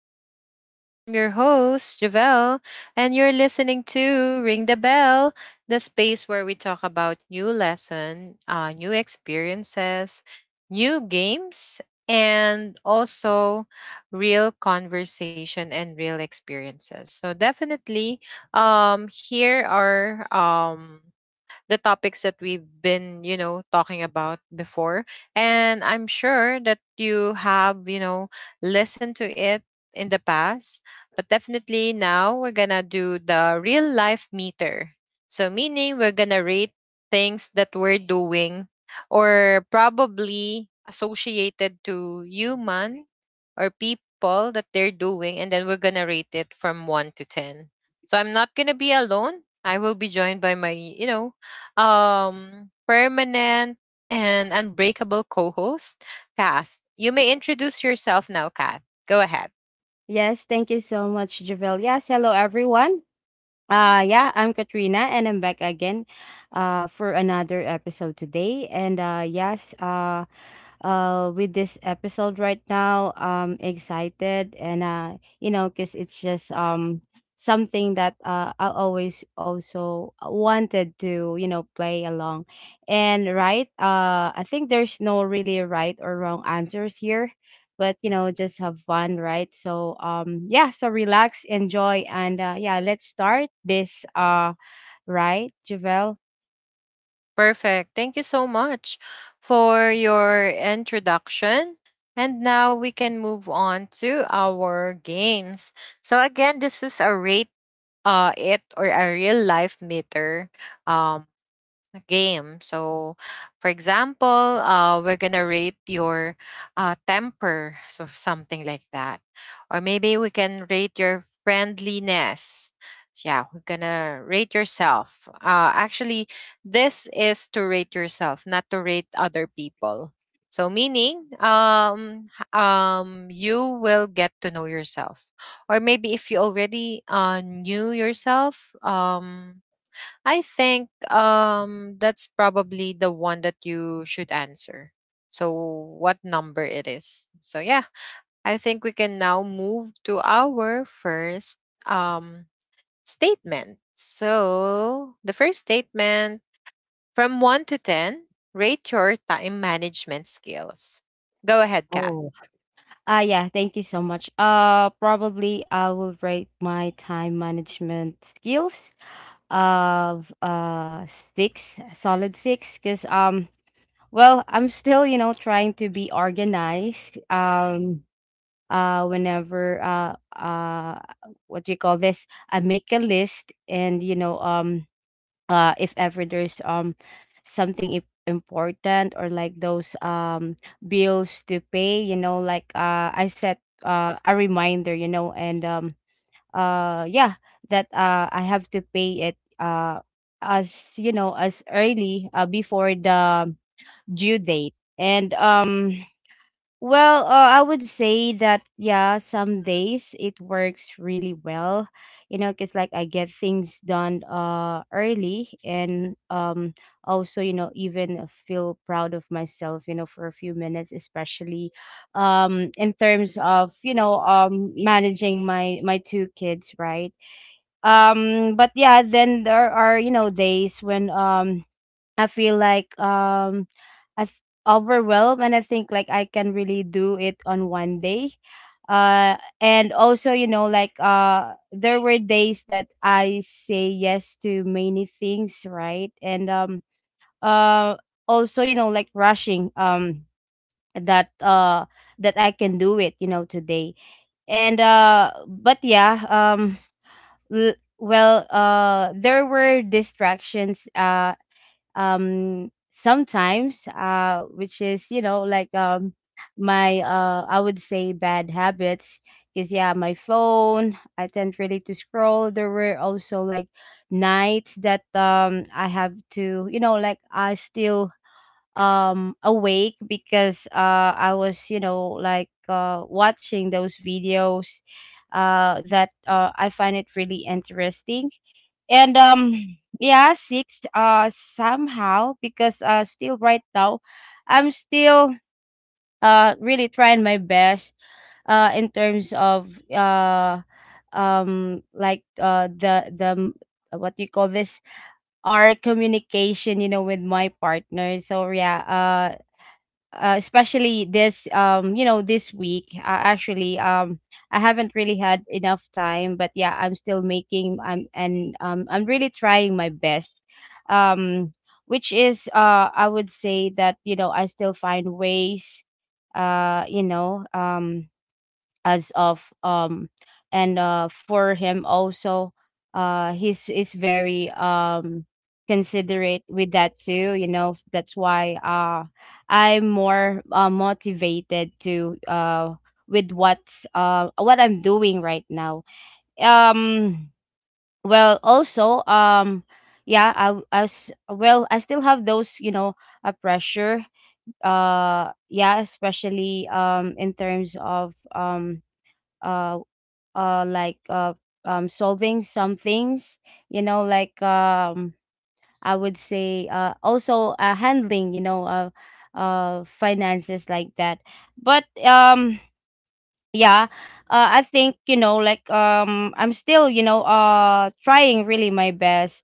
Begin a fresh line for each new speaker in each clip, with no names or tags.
to the show. And I'm your host, Javelle. And you're listening to Ring the Bell, the space where we talk about new experiences, new games, and also real conversation and real experiences. So definitely, here are the topics that we've been, talking about before. And I'm sure that you have, listened to it in the past. But definitely now we're going to do the real life meter. So, meaning we're going to rate things that we're doing or probably associated to human or people that they're doing, and then we're gonna rate it from 1 to 10. So I'm not gonna be alone. I will be joined by my permanent and unbreakable co host, Kath. You may introduce yourself now, Kath. Go ahead.
Yes, thank you so much, Javel. Yes, hello everyone. Yeah, I'm Katrina and I'm back again for another episode today. And yes, with this episode right now, excited, and you know, cuz it's just something that I always also wanted to, play along. And right, I think there's no really right or wrong answers here, but just have fun, right? So yeah, so relax, enjoy, and yeah, let's start this, right, Javel?
Perfect. Thank you so much for your introduction. And now we can move on to our games. So again, this is a rate it or a real life meter um a game. So, for example, we're gonna rate your temper, so something like that, or maybe we can rate your friendliness. Yeah, we're gonna rate yourself. Actually, this is to rate yourself, not to rate other people. So, meaning, you will get to know yourself, or maybe if you already knew yourself, I think that's probably the one that you should answer. So what number it is. So yeah, I think we can now move to our first um statement. So the first statement, from 1 to 10, rate your time management skills. Go ahead, Kath.
Oh, yeah, thank you so much. Probably I will rate my time management skills of, six, a solid six, because well, I'm still, you know, trying to be organized. Whenever, what do you call this, I make a list, and if ever there's something important, or like those bills to pay, you know, like, I set a reminder, you know. And yeah, that I have to pay it as you know, as early, before the due date. And well, I would say that yeah, some days it works really well, you know, because like I get things done early, and also, you know, even, feel proud of myself, you know, for a few minutes, especially in terms of, you know, managing my two kids, right? But yeah, then there are, you know, days when I feel like, I th- overwhelmed, and I think like I can really do it on one day. And also, you know, like, there were days that I say yes to many things, right? And uh also, you know, like rushing, that that I can do it, you know, today. And but yeah, well, there were distractions, sometimes, which is, you know, like, my, I would say, bad habits, because yeah, my phone, I tend really to scroll. There were also, like, nights that I have to, you know, like, I still awake because I was, you know, like, watching those videos that I find it really interesting. And yeah, six, somehow because, still right now, I'm still really trying my best in terms of, like, what do you call this, our communication, you know, with my partner. So yeah, especially this, you know, this week, actually, I haven't really had enough time, but yeah, I'm still making, I'm really trying my best, um which is, I would say that, you know, I still find ways, you know, as of and for him also, he's is very considerate with that too, you know, that's why I'm more, motivated to, with what, what I'm doing right now. um well, also, yeah, I as well, I still have those, you know, a pressure. Yeah, especially in terms of, uh like, solving some things, you know, like, I would say, also, handling, you know, finances like that. But yeah, I think, you know, like, I'm still, you know, trying really my best.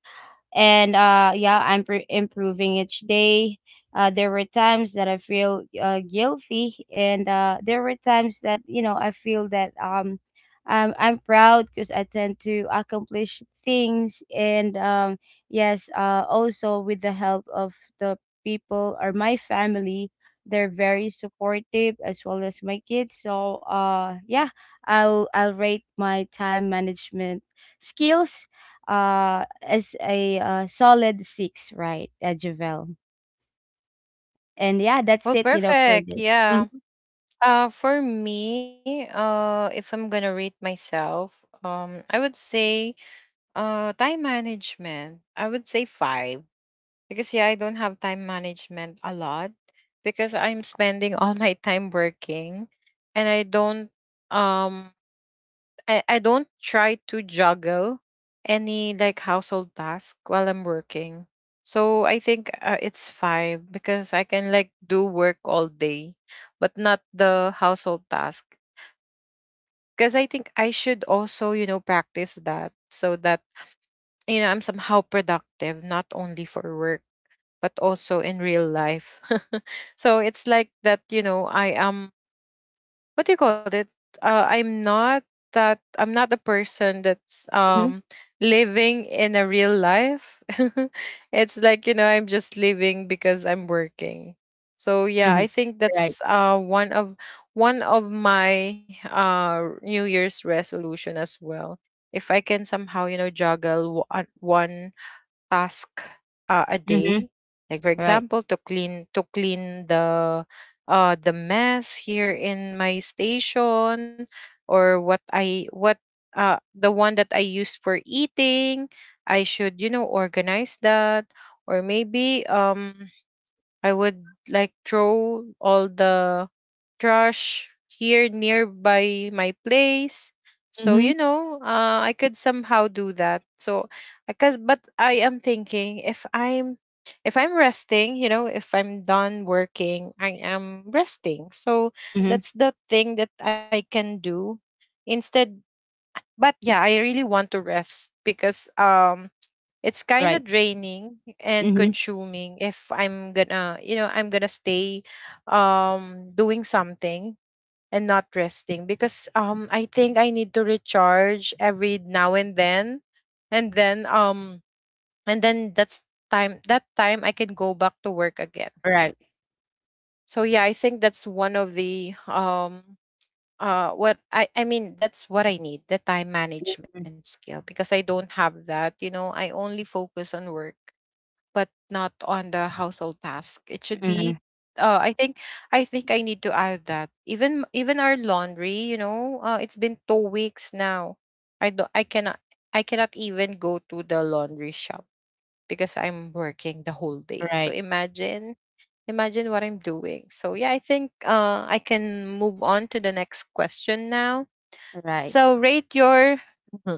And yeah, I'm improving each day. There were times that I feel, guilty, and there were times that, you know, I feel that, I'm proud because I tend to accomplish things. And yes, also with the help of the people, or my family, they're very supportive, as well as my kids. So yeah, I'll rate my time management skills, as a, solid six, right, Javel. And yeah, that's
Well,
it, you know, for
perfect.
this.
Yeah.
Mm-hmm.
For me, if I'm gonna rate myself, I would say time management, I would say five, because yeah, I don't have time management a lot because I'm spending all my time working, and I don't um I don't try to juggle any like household task while I'm working. So I think it's five because I can like do work all day, but not the household task. Because I think I should also, you know, practice that, so that you know, I'm somehow productive, not only for work, but also in real life. So it's like that, you know, I am, what do you call it? I'm not that, I'm not the person that's living in a real life. It's like, you know, I'm just living because I'm working. So yeah,
hmm
I think
Right.
that's one of my New Year's resolution as well. If I can somehow, you know, juggle one task a
Mm-hmm.
day. Like for
Right.
example, to clean the mess here in my station, or what I what the one that I use for eating. I should, you know, organize that, or maybe I would like throw all the trash here nearby my place. So you
Mm-hmm.
know, I could somehow do that. So, because but I am thinking, if I'm resting, you know, if I'm done working, I am resting. So
Mm-hmm.
that's the thing that I can do instead. But yeah, I really want to rest because it's kind
Right.
of draining and
Mm-hmm.
consuming if I'm gonna, you know, I'm gonna stay doing something and not resting, because I think I need to recharge every now and then. And then um and then that's time I can go back to work again.
Right.
So yeah, I think that's one of the what I mean, that's what I need, the time management skill, because I don't have that, you know, I only focus on work but not on the household task. It should
Mm-hmm.
be uh I think I think I need to add that. Even our laundry, you know, it's been 2 weeks now. I do not I cannot even go to the laundry shop because I'm working the whole day. So
Right.
imagine what I'm doing. So yeah, I think I can move on to the next question now.
Right.
So rate your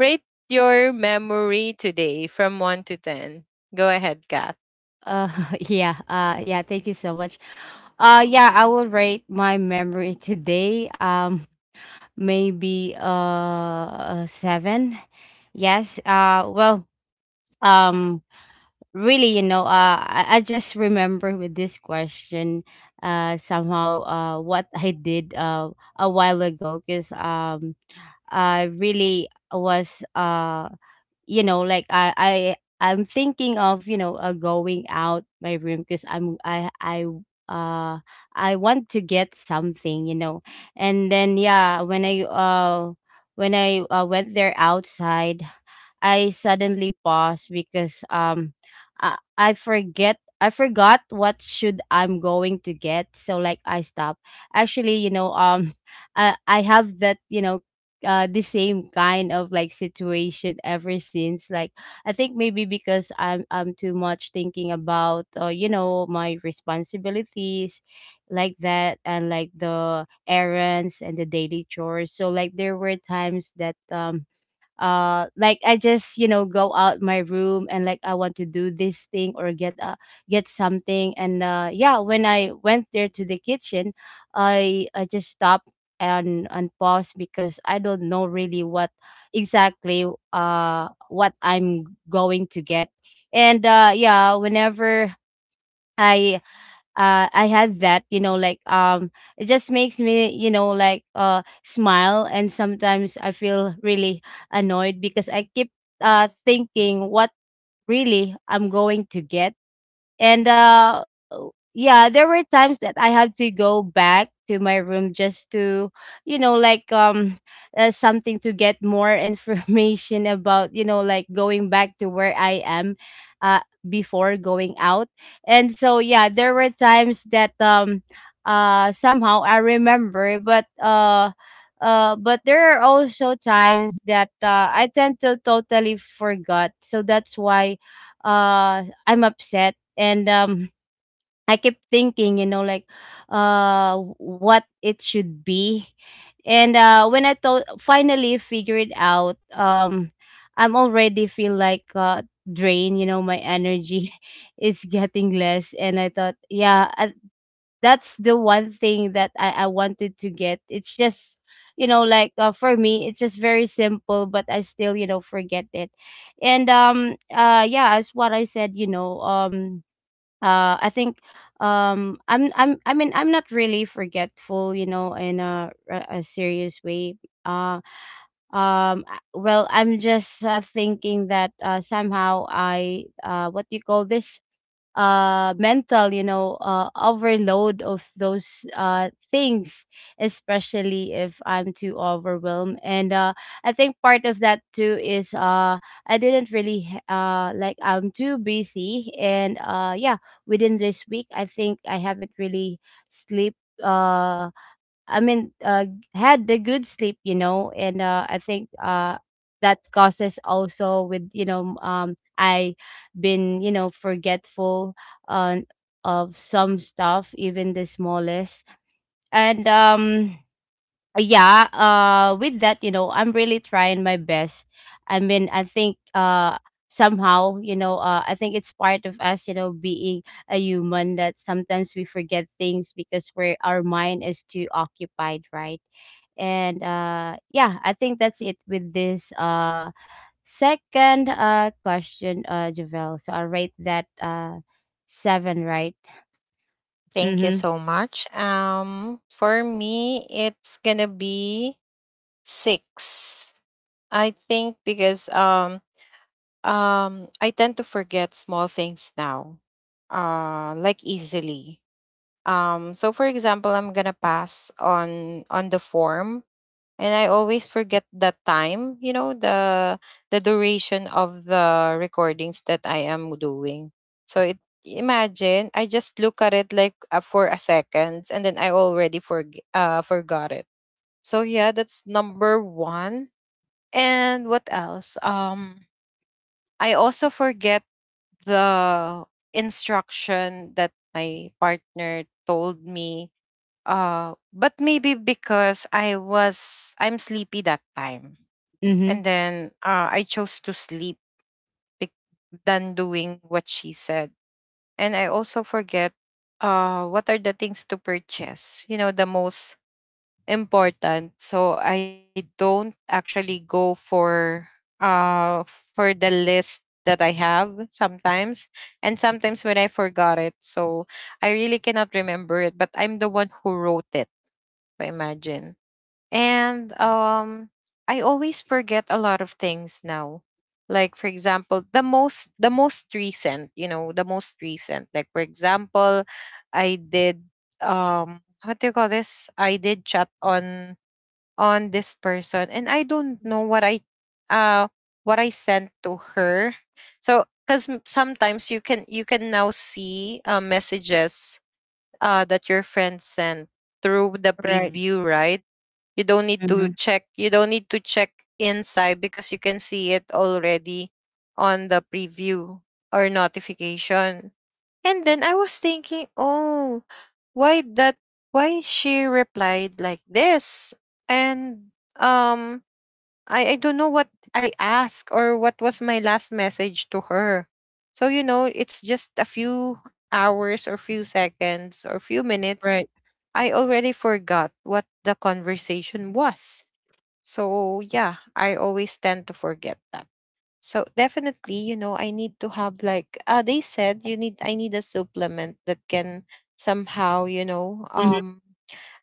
rate your memory today from 1 to 10. Go ahead, Kat.
Uh yeah, yeah, thank you so much. Yeah, I will rate my memory today. Maybe a seven. Yes. Well, um really, you know, I just remember with this question, somehow, what I did a while ago, because I really was, you know, like, I'm thinking of, you know, going out my room because, I'm I uh I want to get something, you know. And then yeah, when I when I, went there outside, I suddenly pause because, I forgot what should I'm going to get. So like I stop. Actually, you know, I have that, you know, the same kind of, like, situation ever since, like, I think maybe because I'm too much thinking about, you know, my responsibilities like that, and like the errands and the daily chores. So like there were times that, like, I just, you know, go out my room, and like I want to do this thing or get, get something. And yeah, when I went there to the kitchen, I just stopped and paused because I don't know really what exactly, what I'm going to get. And yeah, whenever i I had that, you know, like, it just makes me, you know, like, smile, and sometimes I feel really annoyed because I keep thinking what really I'm going to get. And yeah, there were times that I had to go back to my room just to, you know, like, something to get more information about, you know, like going back to where I am uh before going out. And so yeah, there were times that somehow I remember, but, but there are also times that, I tend to totally forgot. So that's why, I'm upset. And I kept thinking, you know, like, what it should be. And when I thought finally figured out, I'm already feel like drained, you know, my energy is getting less. And I thought, yeah, that's the one thing that, I wanted to get. It's just, you know, like, for me, it's just very simple, but I still, you know, forget it. And yeah, as what I said, you know, I think, I mean, I'm not really forgetful, you know, in a, a serious way. uh well, I'm just, thinking that, somehow I what do you call this, mental, you know, overload of those things, especially if I'm too overwhelmed. And I think part of that too is, I didn't really, like, I'm too busy. And yeah, within this week, I think I haven't really sleep, uh I mean, had the good sleep, you know. And I think that causes also with, you know, I been, you know, forgetful on of some stuff, even the smallest. And yeah, with that, you know, I'm really trying my best. I mean, I think, somehow, you know, I think it's part of us, you know, being a human, that sometimes we forget things because we're our mind is too occupied, right? And yeah, I think that's it with this second question, Javel. So I'll rate that, seven, right.
Thank you
Mm-hmm.
so much. For me, it's gonna be six. I think because I tend to forget small things now, like easily. So for example, I'm gonna pass on the form, and I always forget the time, you know, the duration of the recordings that I am doing. So it imagine, I just look at it like for a seconds, and then I already forgot it. So yeah, that's number 1. And what else? I also forget the instruction that my partner told me, but maybe because I'm sleepy that time,
Mm-hmm.
and then I chose to sleep bec- than doing what she said. And I also forget, what are the things to purchase, you know, the most important. So I don't actually go for the list that I have sometimes, and sometimes when I forgot it, so I really cannot remember it, but I'm the one who wrote it. So imagine. And I always forget a lot of things now. Like for example, the most recent, you know, the most recent. Like for example, I did what do you call this? I did chat on this person, and I don't know uh what I sent to her. So, cuz sometimes you can now see messages that your friend sent through the
Right.
preview, right?
Mm-hmm.
You don't need to check inside, because you can see it already on the preview or notification. And then I was thinking, "Oh, why that why she replied like this?" And I don't know what I asked, or what was my last message to her. So, you know, it's just a few hours, or few seconds, or few minutes,
Right.
I already forgot what the conversation was. So, yeah, I always tend to forget that. So, definitely, you know, I need to have like they said you need I need a supplement that can somehow, you know,
Mm-hmm.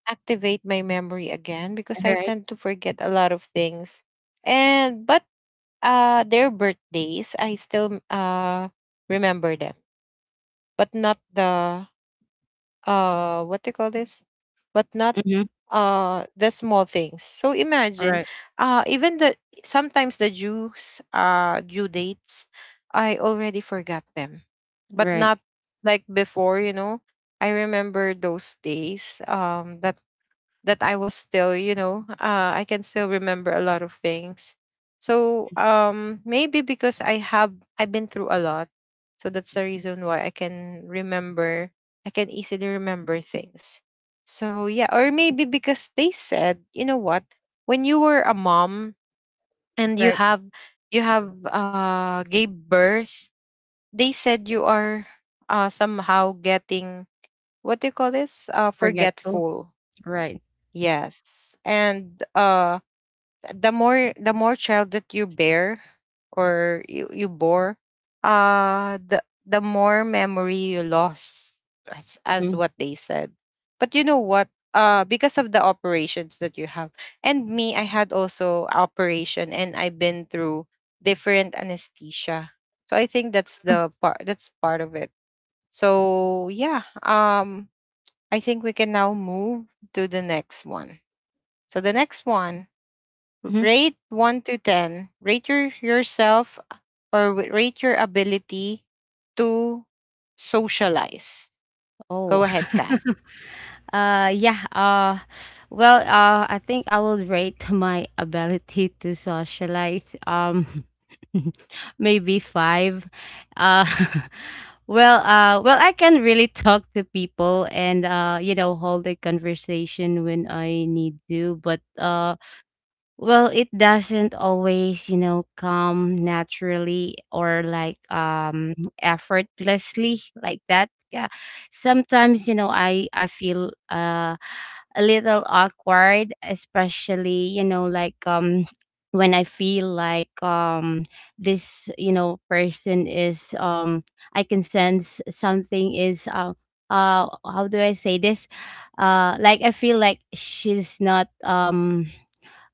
activate my memory again, because I
Right.
tend to forget a lot of things. And but their birthdays, I still remember them, but not the what they call this, but not
Mm-hmm.
the small things. So imagine, even the sometimes the due dates, I already forgot them, but
Right,
not like before, you know. I remember those days that I was still, you know, I can still remember a lot of things. So maybe because I've been through a lot, so that's the reason why I can remember. I can easily remember things. So yeah, or maybe because they said, you know what, when you were a mom and
right.
you have gave birth, they said you are somehow getting, what do you call this?
Forgetful,
Forgetful.
right.
Yes. And the more child that you bear, or you bore, the more memory you lost, as
Mhm.
what they said. But you know what? Because of the operations that you have. And me, I had also operation, and I've been through different anesthesia. So I think that's
Mhm.
the part that's part of it. So yeah, I think we can now move to the next one. So the next one,
Mhm.
rate 1 to 10. Rate yourself, or rate your ability to socialize.
Oh.
Go ahead, Kath.
Yeah, well, I think I will rate my ability to socialize, maybe 5. Uh, well, well, I can really talk to people, and, you know, hold a conversation when I need to, but, well, it doesn't always, you know, come naturally, or like effortlessly, like that. Yeah. Sometimes, you know, I feel a little awkward, especially, you know, like when I feel like this, you know, person is, I can sense something is, how do I say this? Like I feel like she's not, um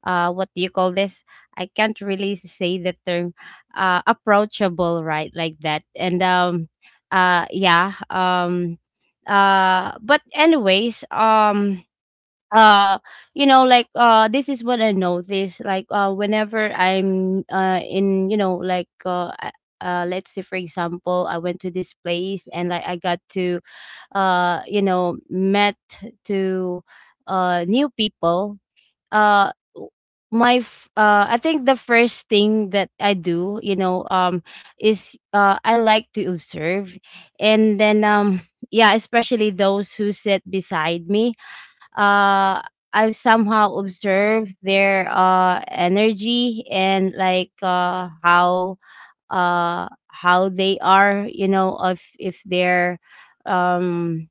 uh what do you call this? I can't really say the term, approachable, right, like that. And um uh yeah um uh but anyways, uh like, this is what I notice, like, whenever I'm, in, you know, like, let's say, for example, I went to this place and like I got to, met to new people. uh w- I think the first thing that I do, you know, is, I like to observe. And then yeah, especially those who sit beside me. uh I somehow observe their energy, and like, how they are, you know, if they're, um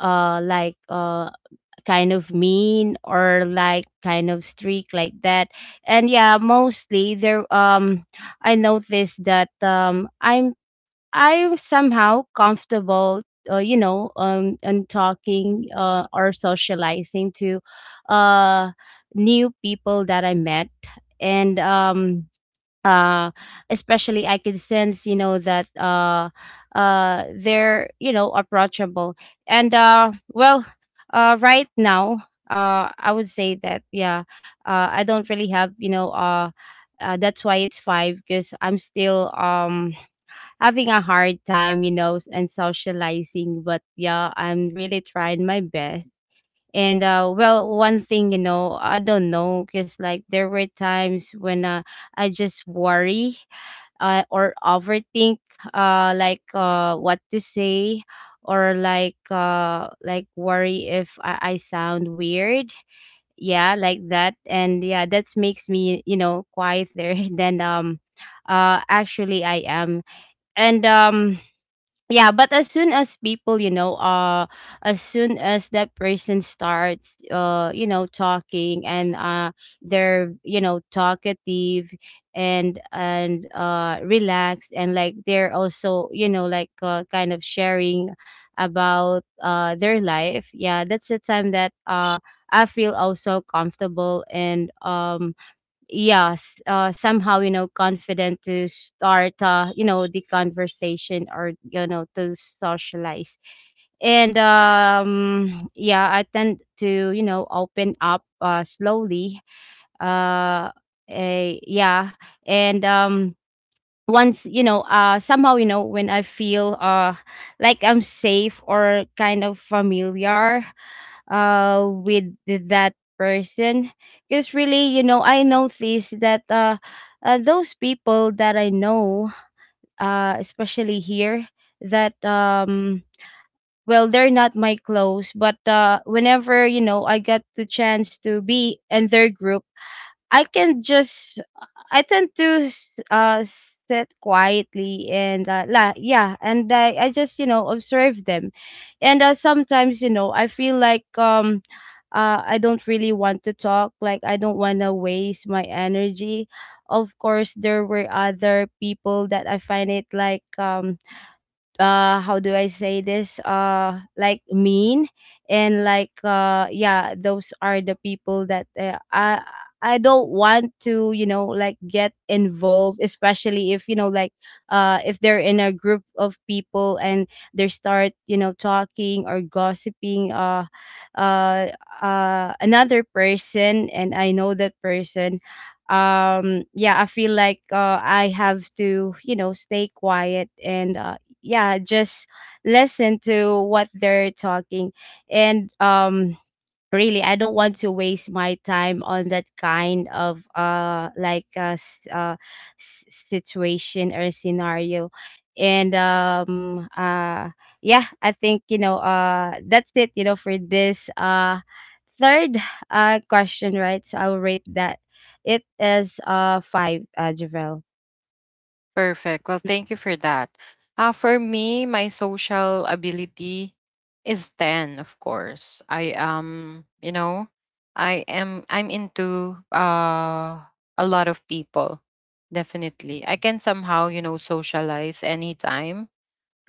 uh like uh kind of mean, or like kind of streak, like that. And yeah, mostly there, I noticed that I'm, somehow comfortable, you know, and talking, or socializing to uh new people that I met. And um uh especially I could sense, you know, that, they're, you know, approachable. And right now, I would say that yeah, I don't really have, you know, that's why it's 5, because I'm still having a hard time, you know, and socializing. But yeah, I'm really trying my best. And one thing, you know, I don't know, because like there were times when, I just worry, or overthink, what to say, or like, worry if I sound weird, yeah, like that. And yeah, that makes me, you know, quieter than, actually I am. And yeah, but as soon as people, you know, as soon as that person starts, you know, talking, and, they're, you know, talkative, and relaxed, and like they're also, you know, like, kind of sharing about their life. Yeah, that's the time that, I feel also comfortable, and yes, somehow, you know, confident to start, you know, the conversation, or, you know, to socialize. And yeah, I tend to, you know, open up, slowly. uh, yeah. And once, you know, somehow, you know, when I feel, like I'm safe, or kind of familiar, with that person. Because really, you know, I noticed that, those people that I know, especially here, that, well, they're not my close, but, whenever, you know, I got the chance to be in their group, I can just, I tend to, sit quietly and, la yeah, and I just, you know, observe them. And sometimes, you know, I feel like, I don't really want to talk, like I don't want to waste my energy. Of course, there were other people that I find it like, uh, how do I say this, like mean. And like, yeah, those are the people that, I don't want to, you know, like get involved, especially if, you know, like, if they're in a group of people and they start, you know, talking or gossiping, uh another person, and I know that person. Yeah, I feel like, I have to, you know, stay quiet, and, yeah, just listen to what they're talking. And really, I don't want to waste my time on that kind of, situation or scenario. And yeah, I think, you know, that's it, you know, for this, third, question, right? So I will rate that it is, 5, Javel.
Perfect. Well,
Yeah.
thank you for that. For me, my social ability is 10, of course. I am, you know, I'm into a lot of people. Definitely. I can somehow, you know, socialize anytime.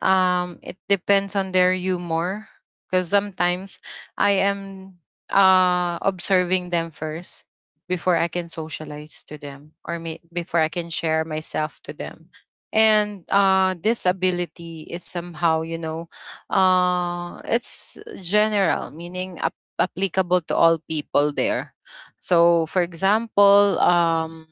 It depends on their humor, because sometimes I am observing them first before I can socialize to them, or before I can share myself to them. And this ability is somehow, you know, it's general, meaning applicable to all people there. So for example,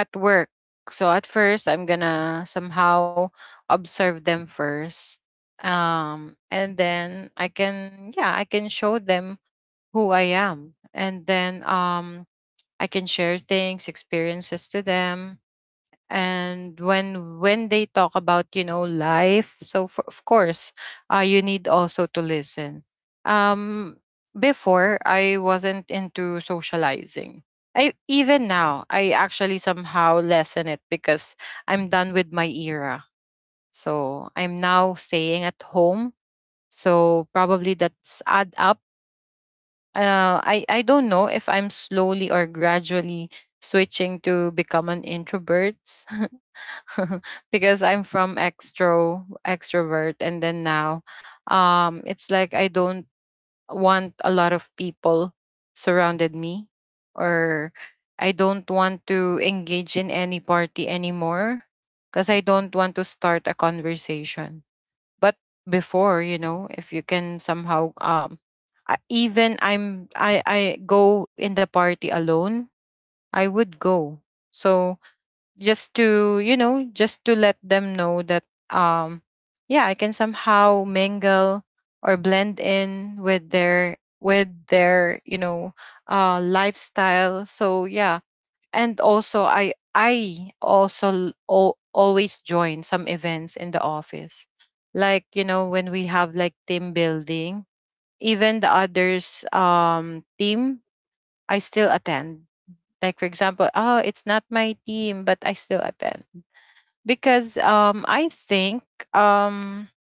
at work. So at first, I'm gonna somehow observe them first. And then I can, yeah, I can show them who I am. And then I can share things, experiences to them. And when they talk about life. So of course, you need also to listen. um Before I wasn't into socializing. I even now, I actually somehow lessen it because I'm done with my era, so I'm now staying at home, so probably that's add up. I don't know if I'm slowly or gradually switching to become an introvert. Because I'm from extrovert, and then now, it's like I don't want a lot of people surrounded me, or I don't want to engage in any party anymore because I don't want to start a conversation. But before, you know, if you can somehow, even I go in the party alone, I would go. So just to let them know that, um yeah, I can somehow mingle or blend in with their with their lifestyle. So yeah. And also I also always join some events in the office, like, you know, when we have like team building. Even the others, team, I still attend. Like, for example, oh, it's not my team, but I still attend because I think, um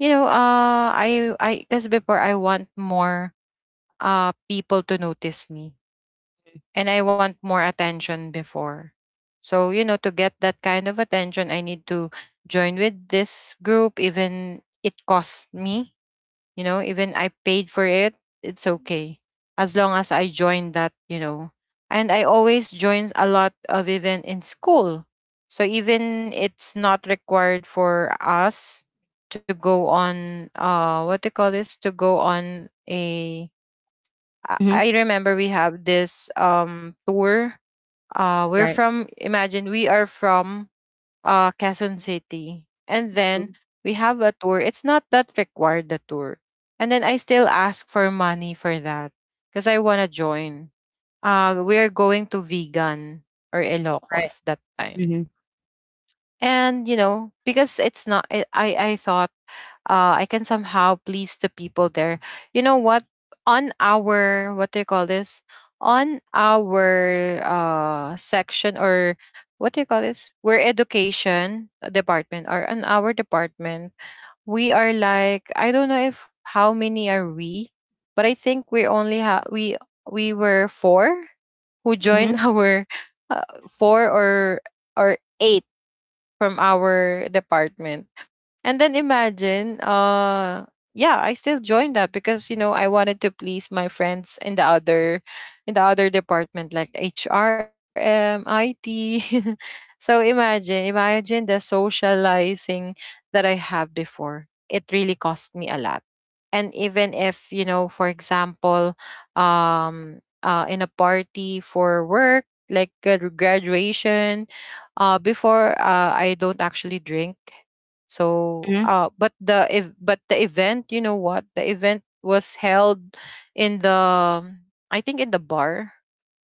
you know I because before I want more people to notice me, and I want more attention before. So to get that kind of attention, I need to join with this group even it costs me. Even I paid for it, it's okay. As long as I join that. And I always join a lot of event in school, so even it's not required for us to go on, what do you call this? To go on a, I
Mhm.
I remember we have this tour. We're
Right.
from Imagine we are from Quezon City. And
Mhm.
then we have a tour. It's not that required, the tour. And then I still ask for money for that because I want to join. We are going to Vegan or
Right.
Ilocos that time.
Mhm.
And because it's not, I thought I can somehow please the people there. You know what, on our, what do you call this, on our, section, or what do you call this, we're education department, or on our department. We are like, I don't know if how many are we, but I think we only have we were four who
Mhm.
joined our, uh, four or eight from our department. And then imagine, yeah, I still joined that because I wanted to please my friends in the other, department like HRM, IT. So imagine, imagine the socializing that I have before. It really cost me a lot. And even if, you know, for example, in a party for work, like graduation, before, I don't actually drink. So,
Mhm.
but the if but the event, you know what, the event was held in the I think in the bar.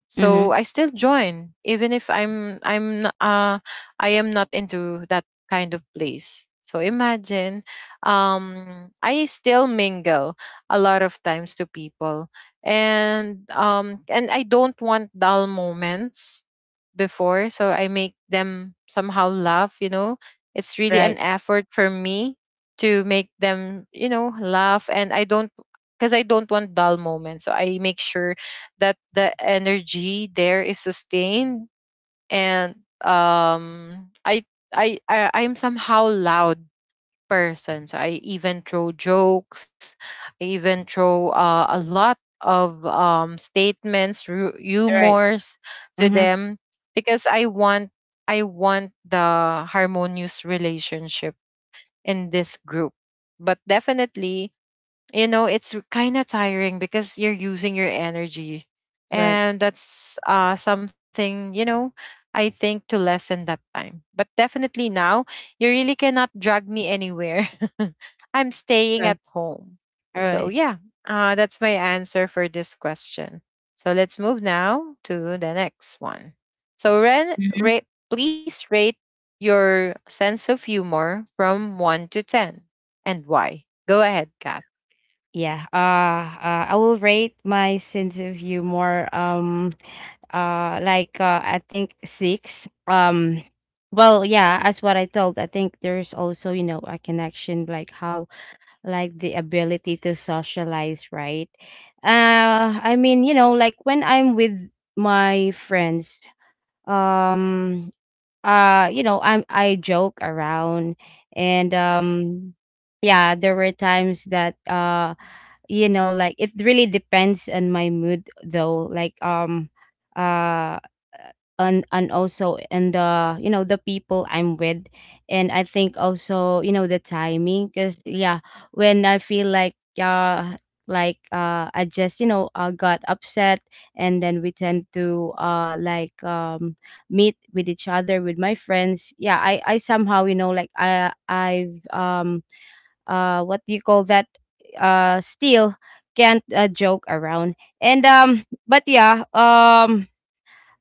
So
Mhm.
I still join even if, I am not into that kind of place. So imagine, I still mingle a lot of times to people, and I don't want dull moments before, so I make them somehow laugh. It's really
Right.
an effort for me to make them laugh, and I don't because I don't want dull moments, so I make sure that the energy there is sustained. And, um I I'm somehow loud person. So I even throw jokes, I even throw a lot of statements,
Right.
humors to
Mhm.
them because I want the harmonious relationship in this group. But definitely, it's kind of tiring because you're using your energy,
Right.
and that's something. I think to lessen that time. But definitely now, you really cannot drag me anywhere. I'm staying at
Right.
home. So
Right.
yeah, that's my answer for this question. So let's move now to the next one. So ren
Mhm.
rate please rate your sense of humor from 1 to 10, and why. Go ahead, Kat.
Yeah. I will rate my sense of humor, I think 6. Well, yeah, as what I told, I think there's also, you know, a connection, like how, like the ability to socialize, right? I mean, you know, like when I'm with my friends, um you know, I'm, I joke around. And yeah, there were times that, you know, like it really depends on my mood, though. Like, uh and also, and the, you know, the people I'm with. And I think also, you know, the timing, because yeah, when I feel like, uh I just, you know, got upset, and then we tend to, meet with each other with my friends. Yeah, I somehow, you know, like I've what do you call that, still can't, joke around. And but yeah,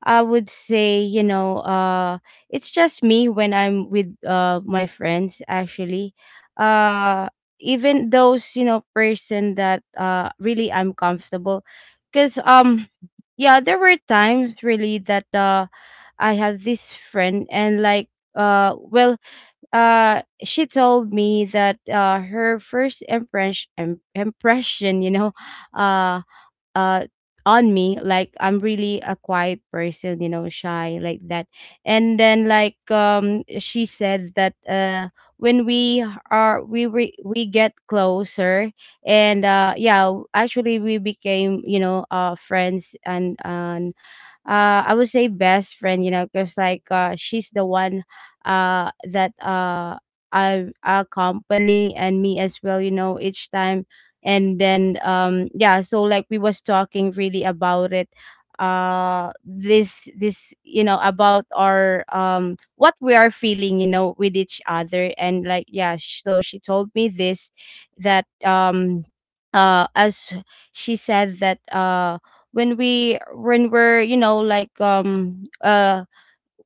I would say, you know, it's just me when I'm with, my friends, actually. Uh Even those, you know, person that, really I'm comfortable, cuz yeah, there were times really that, I have this friend, and like, well, she told me that, her first impression, you know, uh uh on me, like I'm really a quiet person, you know, shy, like that. And then like, she said that, when we are, we get closer, and, yeah, actually we became, you know, friends, and I would say best friend, you know, because like, she's the one, that I accompany, and me as well, you know, each time. And then yeah, so like we was talking really about it, this, this, you know, about our, what we are feeling, you know, with each other. And like, yeah, so she told me this, that, as she said that, when we, when we're, you know, like,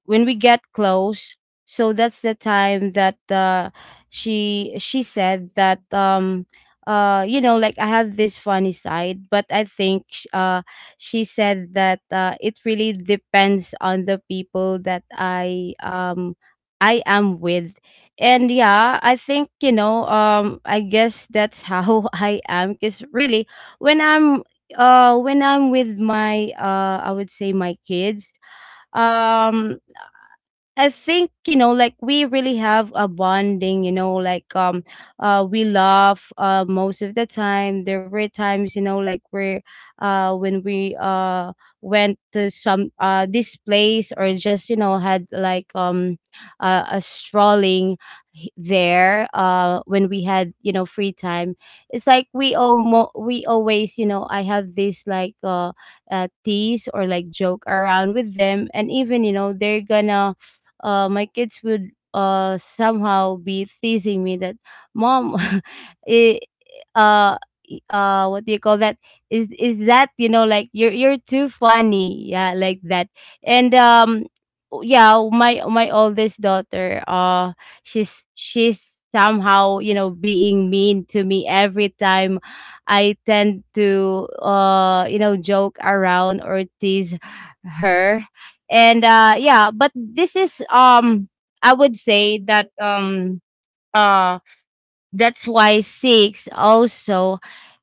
when we get close, so that's the time that, she said that, you know, like I have this funny side. But I think, she said that, it really depends on the people that I, I am with. And yeah, I think, you know, I guess that's how I am, because really, when I'm, when I'm with my, I would say, my kids. um I think, you know, like we really have a bonding, you know, like, we laugh, most of the time. There were times, you know, like we're, when we, went to some, this place, or just, you know, had like, a strolling, h- there when we had, you know, free time. It's like we almo we always, you know, I have this like, uh, tease, or like joke around with them. And even, you know, they're gonna, my kids would, somehow be teasing me that, "Mom, it, uh, what do you call that? Is that, you know, like you're too funny, yeah, like that." And yeah, my oldest daughter, she's somehow, you know, being mean to me every time I tend to, you know, joke around or tease her. And yeah, but this is, I would say that, uh that's why 6 also.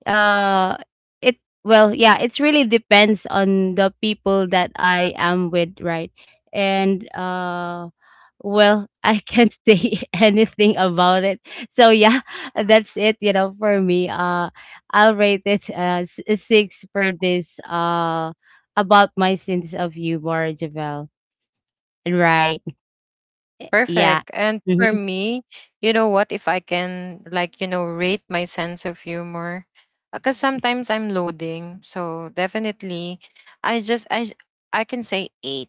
Uh it Well, yeah, it really depends on the people that I am with, right? And well, I can't say anything about it. So yeah, that's it, you know, for me. I'll rate it as 6 for this, about my sense of humor, Javel. Right. Eh, yeah.
Perfect. And
Mhm,
for me, you know what? If I can, like, you know, rate my sense of humor, because sometimes I'm loading. So definitely, I just, I, j- I can say eight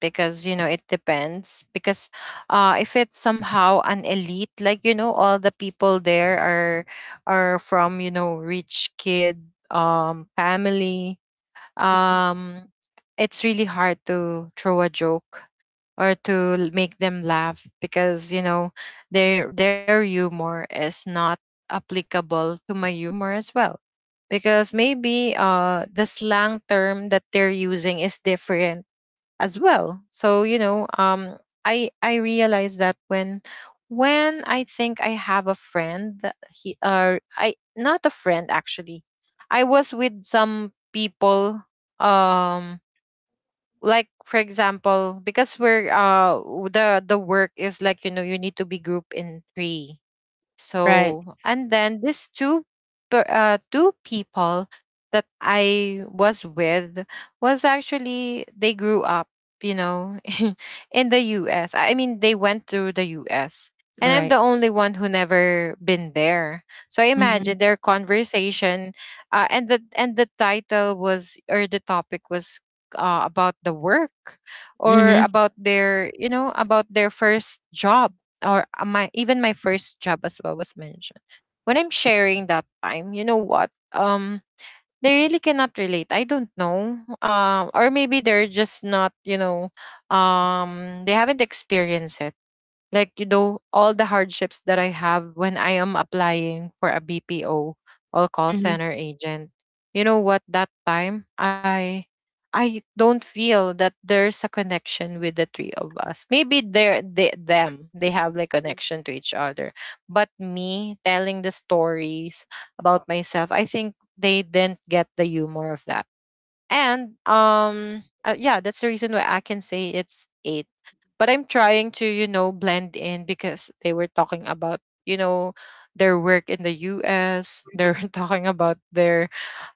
because, it depends. Because if it's somehow an elite, all the people there are from, rich kid family,
mhm.
um, it's really hard to throw a joke or to make them laugh because their humor is not applicable to my humor as well, because maybe the slang term that they're using is different as well. So, I realize that when I think I have a friend, that he or I, not a friend actually, I was with some people. Um, like for example, because we're the work is like, you need to be grouped in three.
Right,
So, and then these two people that I was with was actually, they grew up, you know, in the U.S. I mean, they went through the U.S. And I'm the
right.
only one who never been there. So I
Mhm,
imagine their conversation, and the title was, or the topic was, about the work, or
mhm,
about their first job, or my even my first job as well was mentioned. When I'm sharing that time, you know what? They really cannot relate. I don't know. Or maybe they're just not, they haven't experienced it like, all the hardships that I have when I am applying for a BPO or call
mhm,
center agent. You know what, that time, I don't feel that there's a connection with the three of us. Maybe they're they, them they have like connection to each other. But me telling the stories about myself, I think they didn't get the humor of that. And, yeah, that's the reason why I can say it's eight, but I'm trying to, blend in because they were talking about, you know their work in the US. They're
mhm.
talking about their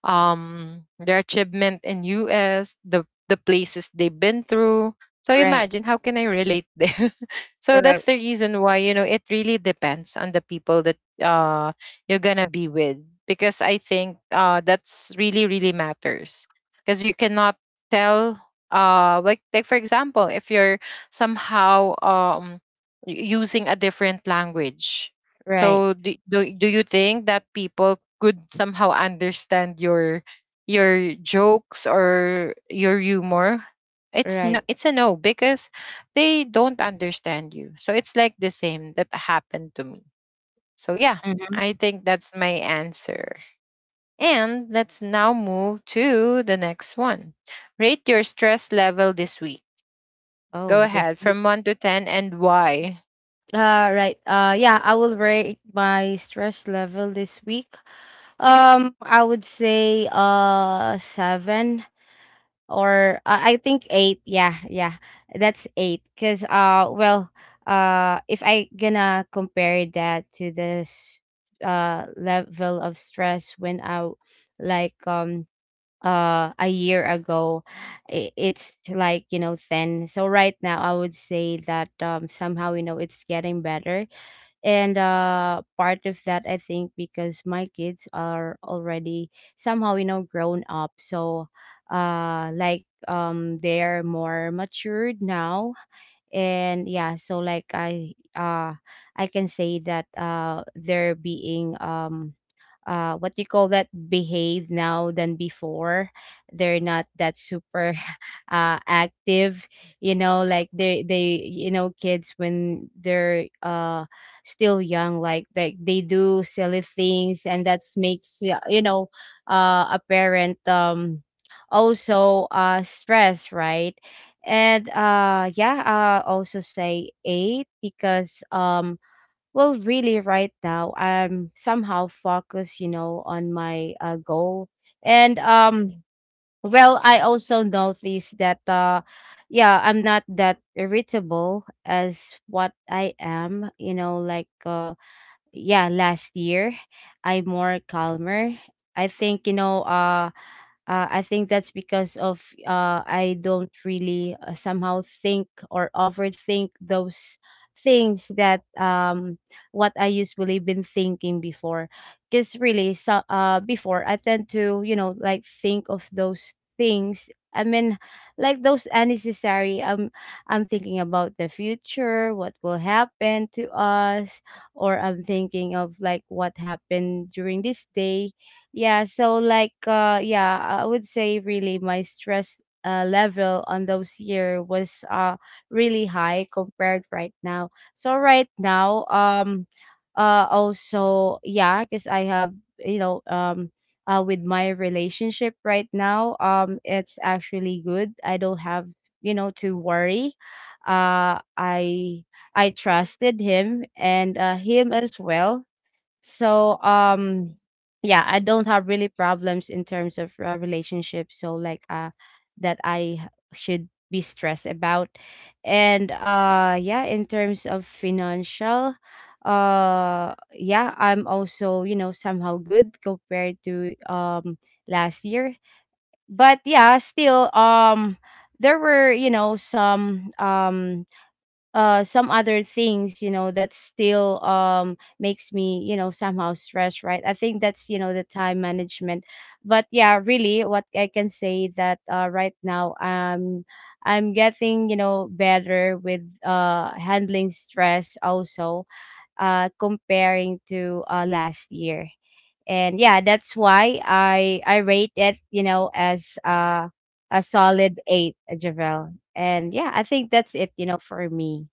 um their achievement in US, the places they've been through. So
Right,
imagine, how can I relate there? So
right,
that's the reason why, it really depends on the people that uh you're gonna be with. Because I think, that's really really matters. Because you cannot tell, like, for example, if you're somehow, using a different language,
right,
so do you think that people could somehow understand your jokes or your humor? It's no,
right.
it's a no, because they don't understand you. So it's like the same that happened to me. So yeah,
Mhm.
I think that's my answer. And let's now move to the next one. Rate your stress level this week. Go
Oh, this
ahead,
week.
from 1 to 10, and why.
Uh, right. Yeah, I will rate my stress level this week. I would say, 7. Or, I think 8. Yeah, yeah, that's 8. Cause, well, if I gonna compare that to this, level of stress when I, like, a year ago, it's like, you know, 10. So right now I would say that, somehow, you know, it's getting better. And, part of that, I think, because my kids are already somehow, you know, grown up. So, like, they're more matured now. And yeah, so like I, I can say that, they're being, what do you call that, behave now than before. They're not that super active. You know, like they, you know, kids, when they're, still young, like they do silly things. And that's makes, you know, a parent, also, stress, right? And yeah, also say 8, because, well, really, right now, I'm somehow focused, you know, on my, goal. And, well, I also noticed that, yeah, I'm not that irritable as what I am, you know, like, yeah, last year, I'm more calmer. I think, you know, I think that's because of, I don't really, somehow think or overthink those things that, what I usually been thinking before. Because really, so, before I tend to, you know, like think of those things. I mean, like, those unnecessary. I'm thinking about the future, what will happen to us, or I'm thinking of like what happened during this day. Yeah, so like yeah I would say really my stress level on those year was really high compared right now. So right now, also, yeah, because I have, you know um with my relationship right now, um, it's actually good. I don't have, to worry. Uh i i trusted him and him as well. So, yeah, I don't have really problems in terms of relationships. So like that I should be stressed about. And yeah, in terms of financial, yeah, I'm also, you know, somehow good compared to, um, last year. But yeah, still, um, there were, you know, some, um, some other things, you know, that still, um, makes me, you know, somehow stressed, right? I think that's, you know, the time management. But yeah, really what I can say, that right now, um, I'm getting, you know, better with handling stress also, comparing to last year. And yeah, that's why I rate it, you know, as a solid eight, Javel. And yeah, I think that's it, you know, for me.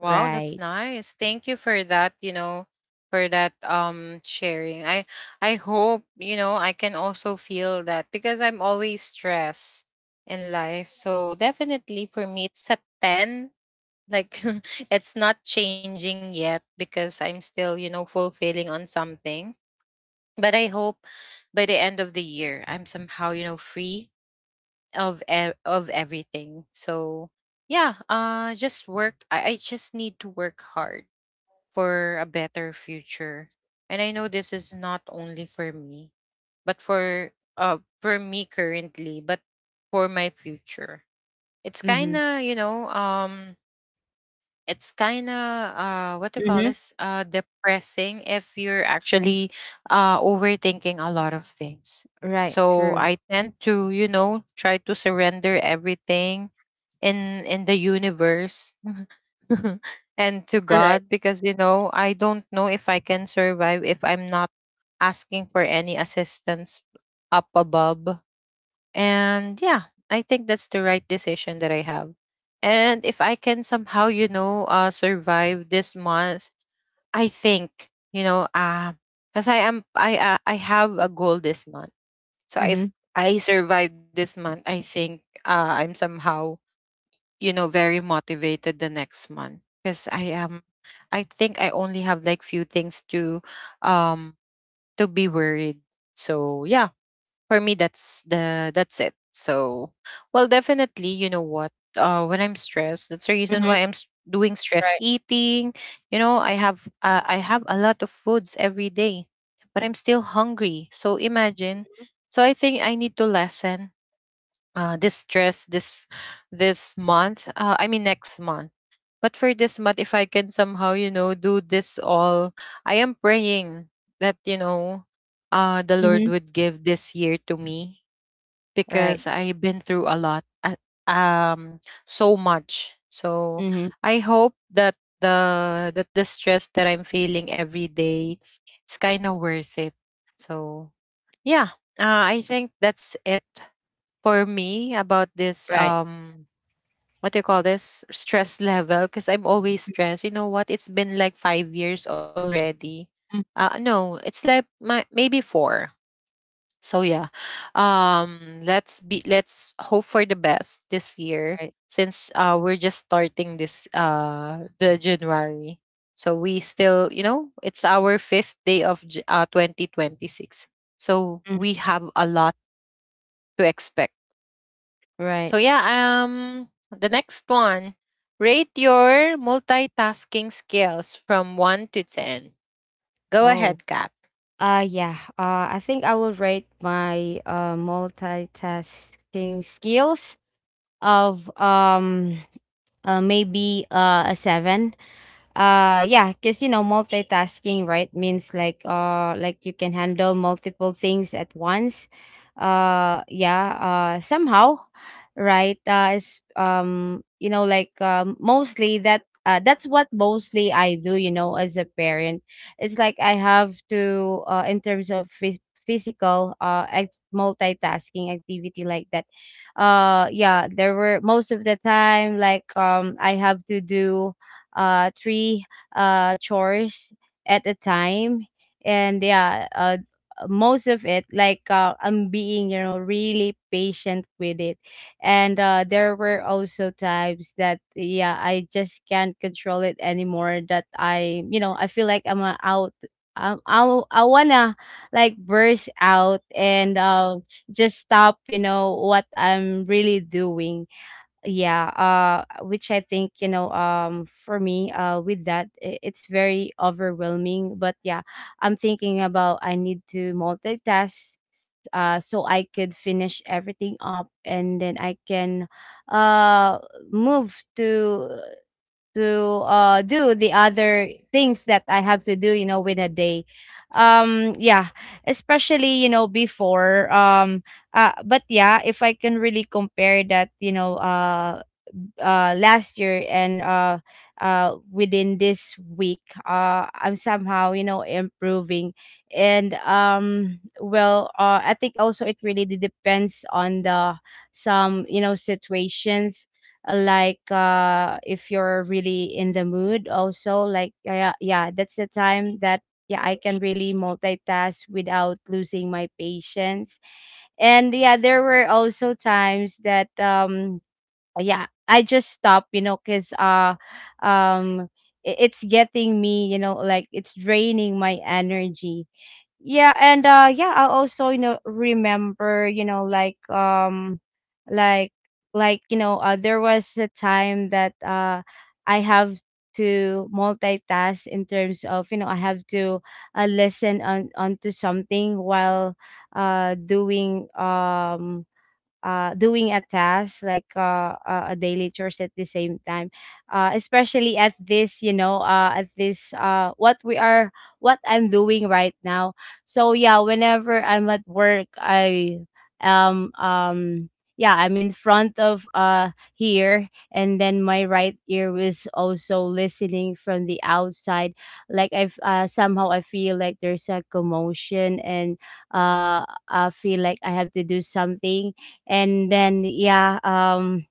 Wow, that's
Right.
nice. Thank you for that sharing. I hope, I can also feel that because I'm always stressed in life. So definitely for me, it's a 10. Like, it's not changing yet because I'm still, fulfilling on something. But I hope, by the end of the year, I'm somehow, free of everything. So yeah, just work. I just need to work hard for a better future. And I know this is not only for me, but for me currently, but for my future. It's kind
Mhm.
of you know um it's kinda, what do you call
Mhm.
this? Depressing if you're actually, overthinking a lot of things.
Right,
So
true.
I tend to, try to surrender everything in the universe and to
Right.
God, because I don't know if I can survive if I'm not asking for any assistance up above. And yeah, I think that's the right decision that I have. And if I can somehow, survive this month, I think, because I have a goal this month. So if
Mhm.
I survive this month, I think, I'm somehow, very motivated the next month because I think I only have like few things um, to be worried. So yeah, for me that's it. So, well, definitely, you know what, when I'm stressed, that's the reason
Mhm.
why doing stress
Right.
eating. You know, I have a lot of foods every day, but I'm still hungry, so imagine.
Mhm.
So I think I need to lessen, this stress this month, I mean, next month. But for this month, if I can somehow, do this all. I am praying that, the
Mhm.
Lord would give this year to me,
Right.
because I've been through a lot, um so much. So
Mhm.
I hope that the stress that I'm feeling every day, it's kind of worth it. So yeah, I think that's it for me about this,
Right.
what do you call this, stress level, because I'm always stressed. You know what? It's been like 5 years already.
Mm.
No, it's like my maybe four. So yeah. Let's be let's hope for the best this year
Right.
since we're just starting this the January. So we still, you know, it's our fifth day of 2026. So
Mm.
we have a lot to expect. So
Right.
yeah, the next one. Rate your multitasking skills from one to ten. Go
Oh.
ahead, Kat.
Yeah. I think I will rate my multitasking skills of um, maybe a 7. Yeah, because, you know, multitasking, right, means like you can handle multiple things at once. Yeah, somehow, right. It's, um, you know, like, um, mostly that that's what mostly I do, you know, as a parent. It's like I have to, in terms of physical, multitasking activity like that. Yeah, there were most of the time, like, I have to do, three, chores, at a time, and yeah, most of it like I'm being, you know, really patient with it, and there were also times that yeah, I just can't control it anymore. That I, you know, I feel like I'm a out. I wanna like burst out and, um, just stop, you know, what I'm really doing. Yeah, which I think, you know, um, for me, with that, it's very overwhelming. But yeah, I'm thinking about I need to multitask, so I could finish everything up, and then I can, uh, move to to do the other things that I have to do, you know, within a day. Um, yeah, especially, you know, before, but yeah, if I can really compare that, you know, last year and within this week, I'm somehow, you know, improving. And, um, well, I think also it really depends on the some, you know, situations. Like if you're really in the mood also, like, yeah, yeah, that's the time that yeah, I can really multitask without losing my patience. And yeah, there were also times that, um, yeah, I just stop, you know, because um it's getting me, you know, like it's draining my energy. Yeah, and yeah, I also, you know, remember, you know, like, um, like like you know, there was a time that I have to multitask in terms of, you know, I have to listen on onto something while, uh doing um doing a task, like, a daily chores, at the same time, especially at this, you know, at this, what we are, what I'm doing right now. So yeah, whenever I'm at work, I, um um yeah, I'm in front of here, and then my right ear was also listening from the outside. Like I've somehow I feel like there's a commotion, and I feel like I have to do something. And then yeah, um,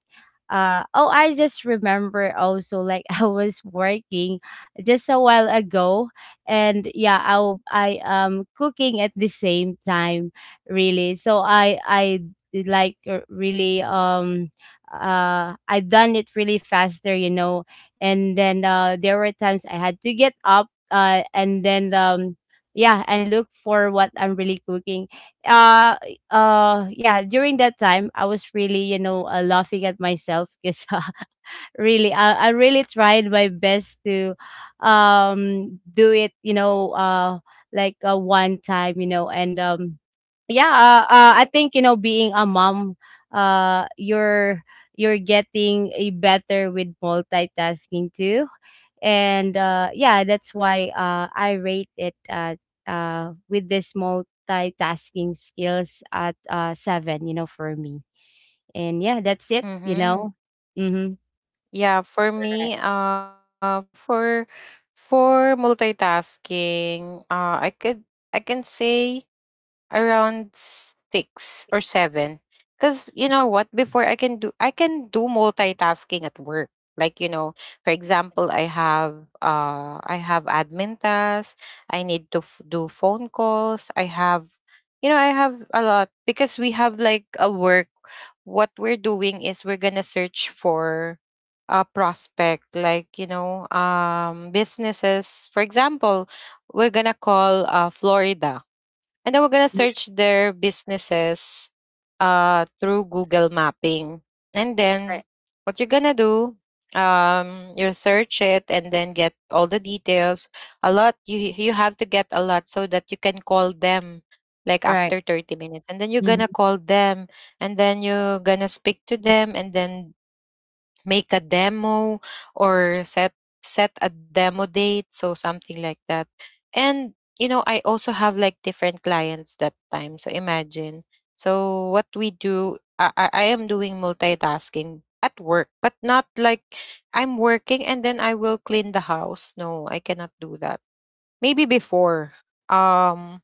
oh, I just remember also, like, I was working just a while ago, and yeah, I am cooking at the same time. Really, so I did, like, really, um, I done it really faster, you know. And then there were times I had to get up, and then, um, yeah, and look for what I'm really cooking. Uh, yeah, during that time I was really, you know, laughing at myself because really, I really tried my best to, um, do it, you know, like, one time, you know. And, um, yeah, I think, you know, being a mom, uh you're you're getting a better with multitasking too. And yeah, that's why I rate it at, with this multitasking skills at seven, you know, for me. And yeah, that's it, you
Mm-hmm.
know. Mm-hmm.
Yeah, for
Right.
me, for multitasking, I could, I can say around six or seven. Because you know what? Before I can do multitasking at work. Like you know, for example, I have admin tasks. I need to do phone calls. I have, you know, I have a lot because we have like a work. What we're doing is we're gonna search for a prospect, like you know, businesses. For example, we're gonna call Florida and then we're gonna
Mhm.
search their businesses through Google mapping. And
Right.
then what you're gonna do, you search it and then get all the details. A lot, you have to get a lot so that you can call them like
Right.
after 30 minutes. And then you're gonna
Mm-hmm.
call them and then you're gonna speak to them and then make a demo or set, set a demo date, so something like that. And you know, I also have like different clients that time, so imagine. So what we do, I am doing multitasking at work, but not like I'm working and then I will clean the house. No, I cannot do that. Maybe before, um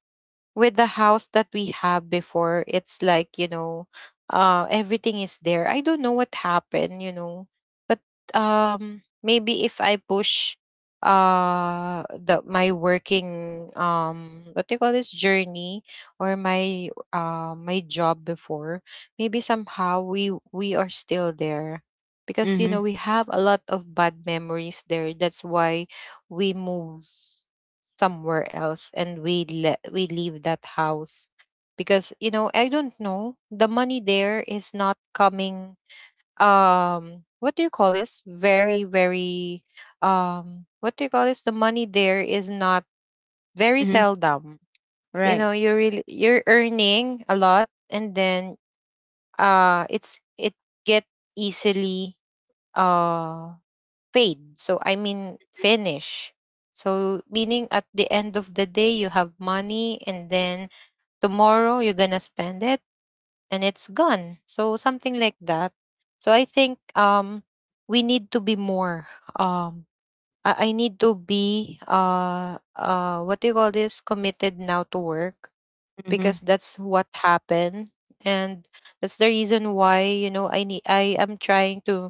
with the house that we have before, it's like, you know, everything is there. I don't know what happened, you know. But maybe if I push the my working, what do you call this, journey, or my my job before, maybe somehow we are still there, because you
Mm-hmm.
know, we have a lot of bad memories there. That's why we move somewhere else and we we leave that house. Because you know, I don't know, the money there is not coming. What do you call this? Very very What do you call this? The money there is not, very
Mm-hmm.
seldom. You
Right.
know, you're really, you're earning a lot and then it's it get easily uh paid. So I mean, finish. So meaning at the end of the day you have money, and then tomorrow you're gonna spend it, and it's gone. So something like that. So I think we need to be more, um I need to be what do you call this, committed now to work,
Mm-hmm.
because that's what happened. And that's the reason why, you know, I am trying to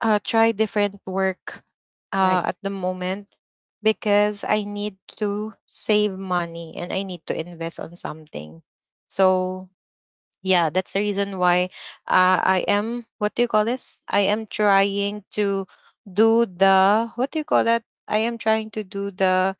try different work
Right.
at the moment, because I need to save money and I need to invest on something. So yeah, that's the reason why I am, what do you call this, I am trying to do the, what do you call that, I am trying to do the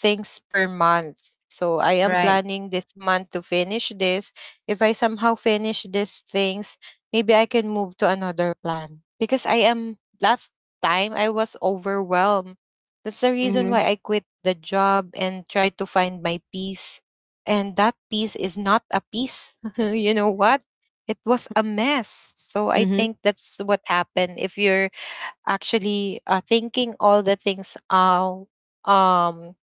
things per month. So I am
Right.
planning this month to finish this. If I somehow finish these things, maybe I can move to another plan. Because I am, last time I was overwhelmed, that's the reason
Mm-hmm.
why I quit the job and tried to find my peace. And that peace is not a peace. You know what? It was a mess. So I
Mm-hmm.
think that's what happened. If you're actually thinking all the things, um,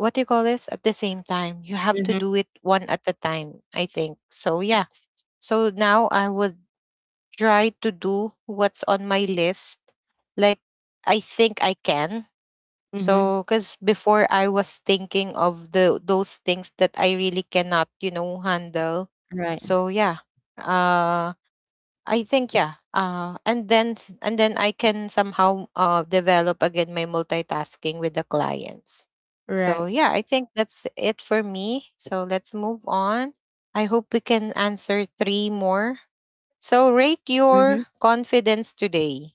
what do you call this, at the same time, you have to
Mm-hmm.
do it one at a time. I think so. Yeah. So now I would try to do what's on my list. Like, I think I can.
Mm-hmm.
So, because before I was thinking of the those things that I really cannot, you know, handle.
Right.
So yeah, uh, I think, yeah, and then and then I can somehow develop again my multitasking with the clients. So
Right.
yeah, I think that's it for me. So let's move on. I hope we can answer three more. So rate your
Mm-hmm.
confidence today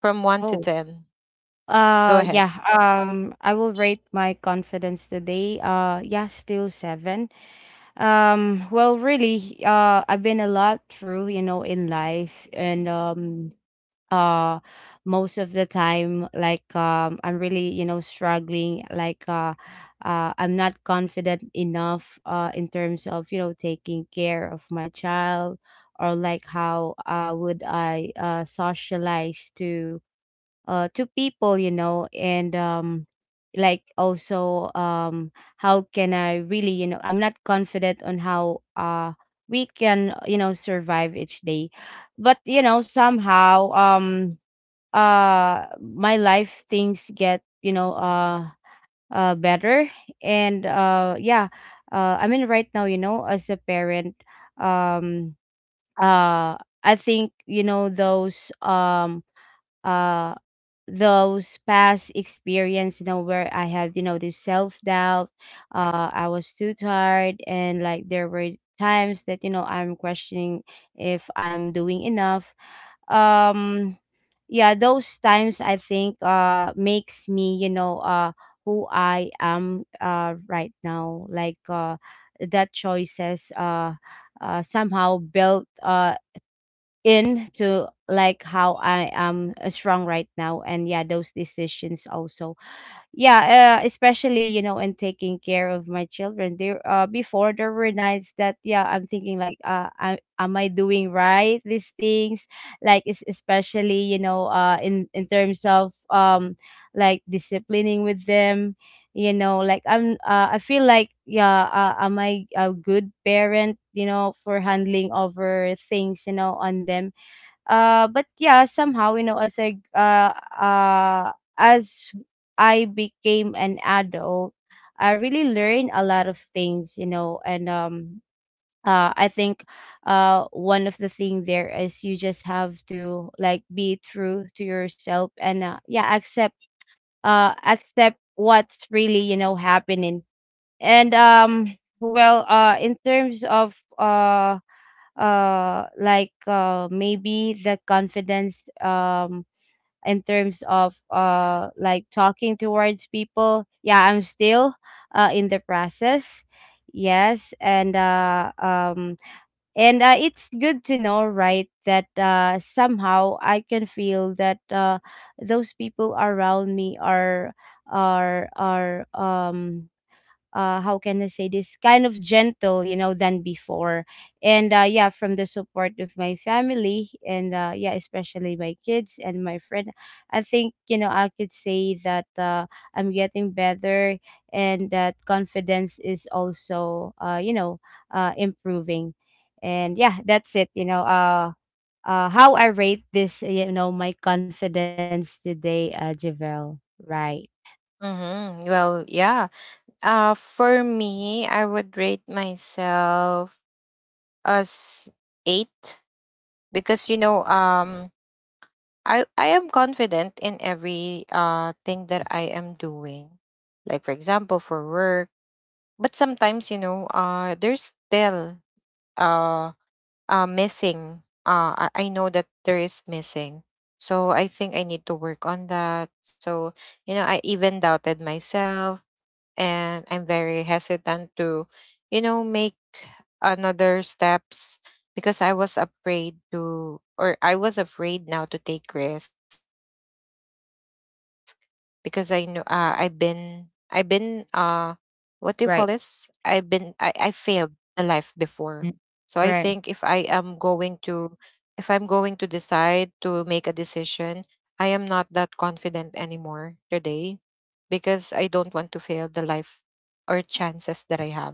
from one to
Oh.
ten. Go ahead.
Yeah. Um, I will rate my confidence today, yeah, still seven. Well, really, I've been a lot through, you know, in life, and uh, most of the time, like, I'm really, you know, struggling. Like, I'm not confident enough, in terms of, you know, taking care of my child, or like how, would I, socialize to people, you know. And, um, like also, um, how can I really, you know, I'm not confident on how we can, you know, survive each day. But you know, somehow, um, my life things get, you know, better. And yeah, I mean, right now, you know, as a parent, um uh I think, you know, those, uh those past experience, you know, where I had, you know, this self doubt, I was too tired, and like there were times that, you know, I'm questioning if I'm doing enough. Um, yeah, those times I think makes me, you know, who I am right now. Like that choices somehow built into like how I am, strong right now, and yeah, those decisions also. Yeah, especially, you know, in taking care of my children there, before there were nights that yeah, I'm thinking like, I, am I doing right these things. Like especially, you know, in terms of, um, like disciplining with them, you know. Like I feel like, yeah, am I a good parent, you know, for handling over things, you know, on them. But yeah, somehow, you know, as I, uh, as I became an adult, I really learned a lot of things, you know. And, I think one of the thing there is, you just have to like be true to yourself and, yeah, accept, accept what's really, you know, happening. And, um, well, in terms of, like, maybe the confidence, um, in terms of, like, talking towards people, yeah, I'm still, in the process. Yes. And it's good to know, right, that somehow I can feel that those people around me are, are, how can I say this, kind of gentle, you know, than before. And yeah, from the support of my family and yeah, especially my kids and my friend, I think, you know, I could say that I'm getting better, and that confidence is also, you know, improving. And yeah, that's it, you know, how I rate this, you know, my confidence today, Javel. Right.
Mm-hmm. Well, yeah. For me, I would rate myself as eight. Because you know, I am confident in every thing that I am doing, like for example for work. But sometimes, you know, there's still uh, missing. I know that there is missing, so I think I need to work on that. So you know, I even doubted myself, and I'm very hesitant to, you know, make another steps, because I was afraid to, or I was afraid now to take risk, because I know what do you call this?
Right.
I failed the life before. So I
Mm.
think if I am
Right.
going to, if I'm going to decide to make a decision, I am not that confident anymore today, because I don't want to fail the life or chances that I have.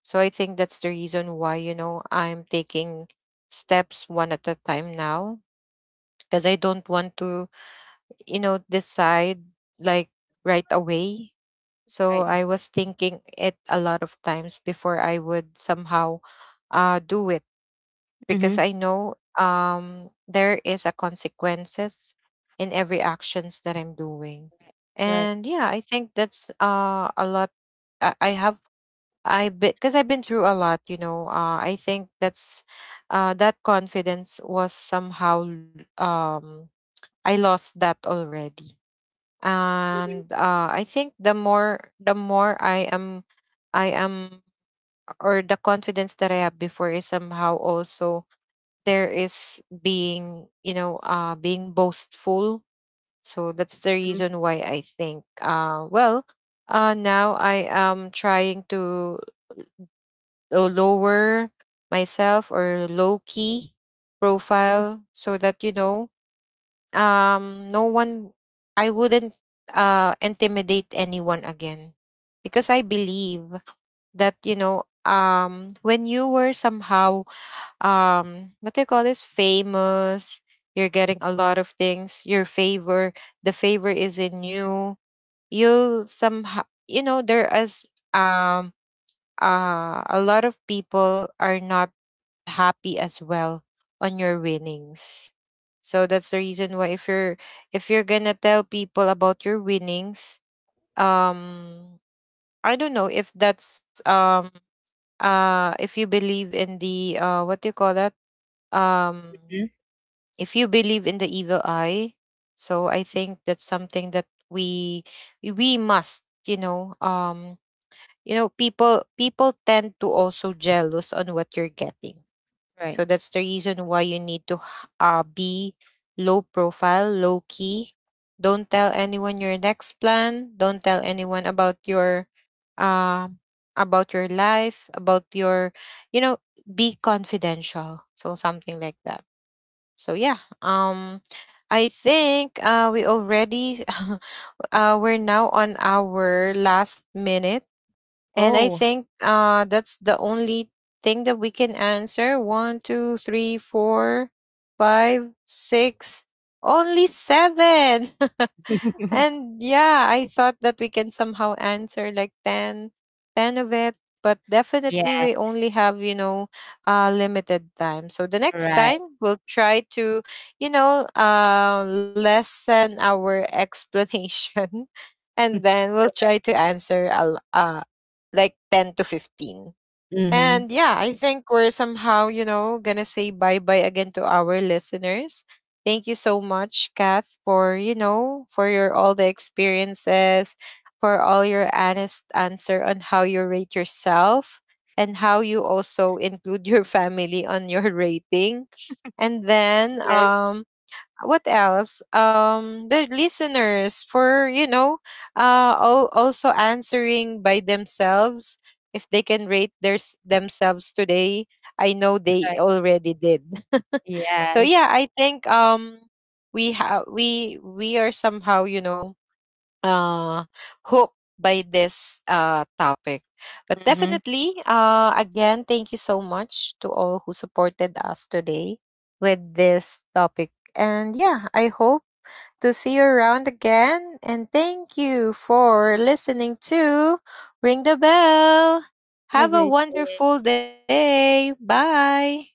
So I think that's the reason why, you know, I'm taking steps one at a time now, because I don't want to, you know, decide like right away. So
Right.
I was thinking it a lot of times before I would somehow do it,
Mm-hmm.
because I know there is a consequences in every actions that I'm doing.
Right.
And yeah, I think that's a lot, I have, I, because I've been through a lot, you know. I think that's that confidence was somehow I lost that already.
Mhm.
And I think the more I am, I am, or the confidence that I have before is somehow also there, is being, you know, being boastful. So that's the
Mhm.
reason why I think, well, now I am trying to lower myself, or low key profile, so that you know, no one, I wouldn't intimidate anyone again. Because I believe that, you know, when you were somehow, what do you call this, famous, you're getting a lot of things your favor, the favor is in you, you'll somehow, you know, there is um a lot of people are not happy as well on your winnings. So that's the reason why, if you're, if you're gonna tell people about your winnings, um I don't know if that's if you believe in the what do you call that, um
Mhm.
if you believe in the evil eye. So I think that's something that we must, you know, you know, people tend to also jealous on what you're getting.
Right.
So that's the reason why you need to be low profile, low key. Don't tell anyone your next plan, don't tell anyone um about your life, about your, you know, be confidential, so something like that. So yeah, um, I think we already we're now on our last minute, and I
Oh.
think that's the only thing that we can answer. One, two, three, four, five, six, only seven. And yeah, I thought that we can somehow answer like 10, 10 of it. But definitely,
Yeah.
we only have, you know, limited time. So the next
Right.
time, we'll try to, you know, lessen our explanation. And then we'll try to answer like 10 to 15.
Mm-hmm.
And yeah, I think we're somehow, you know, gonna say bye bye again to our listeners. Thank you so much, Kath, for, you know, for your all the experiences, for all your honest answer on how you rate yourself, and how you also include your family on your rating. And then
Yes.
what else, the listeners, for you know, also answering by themselves, if they can rate their themselves today, I know they
Right.
already did. So
Yes.
yeah, I think we have, we are somehow, you know, uh, hooked by this topic. But
Mm-hmm.
definitely, again, thank you so much to all who supported us today with this topic. And yeah, I hope to see you around again. And thank you for listening to Ring the Bell.
Have a
Have a
great day.
wonderful day. Bye.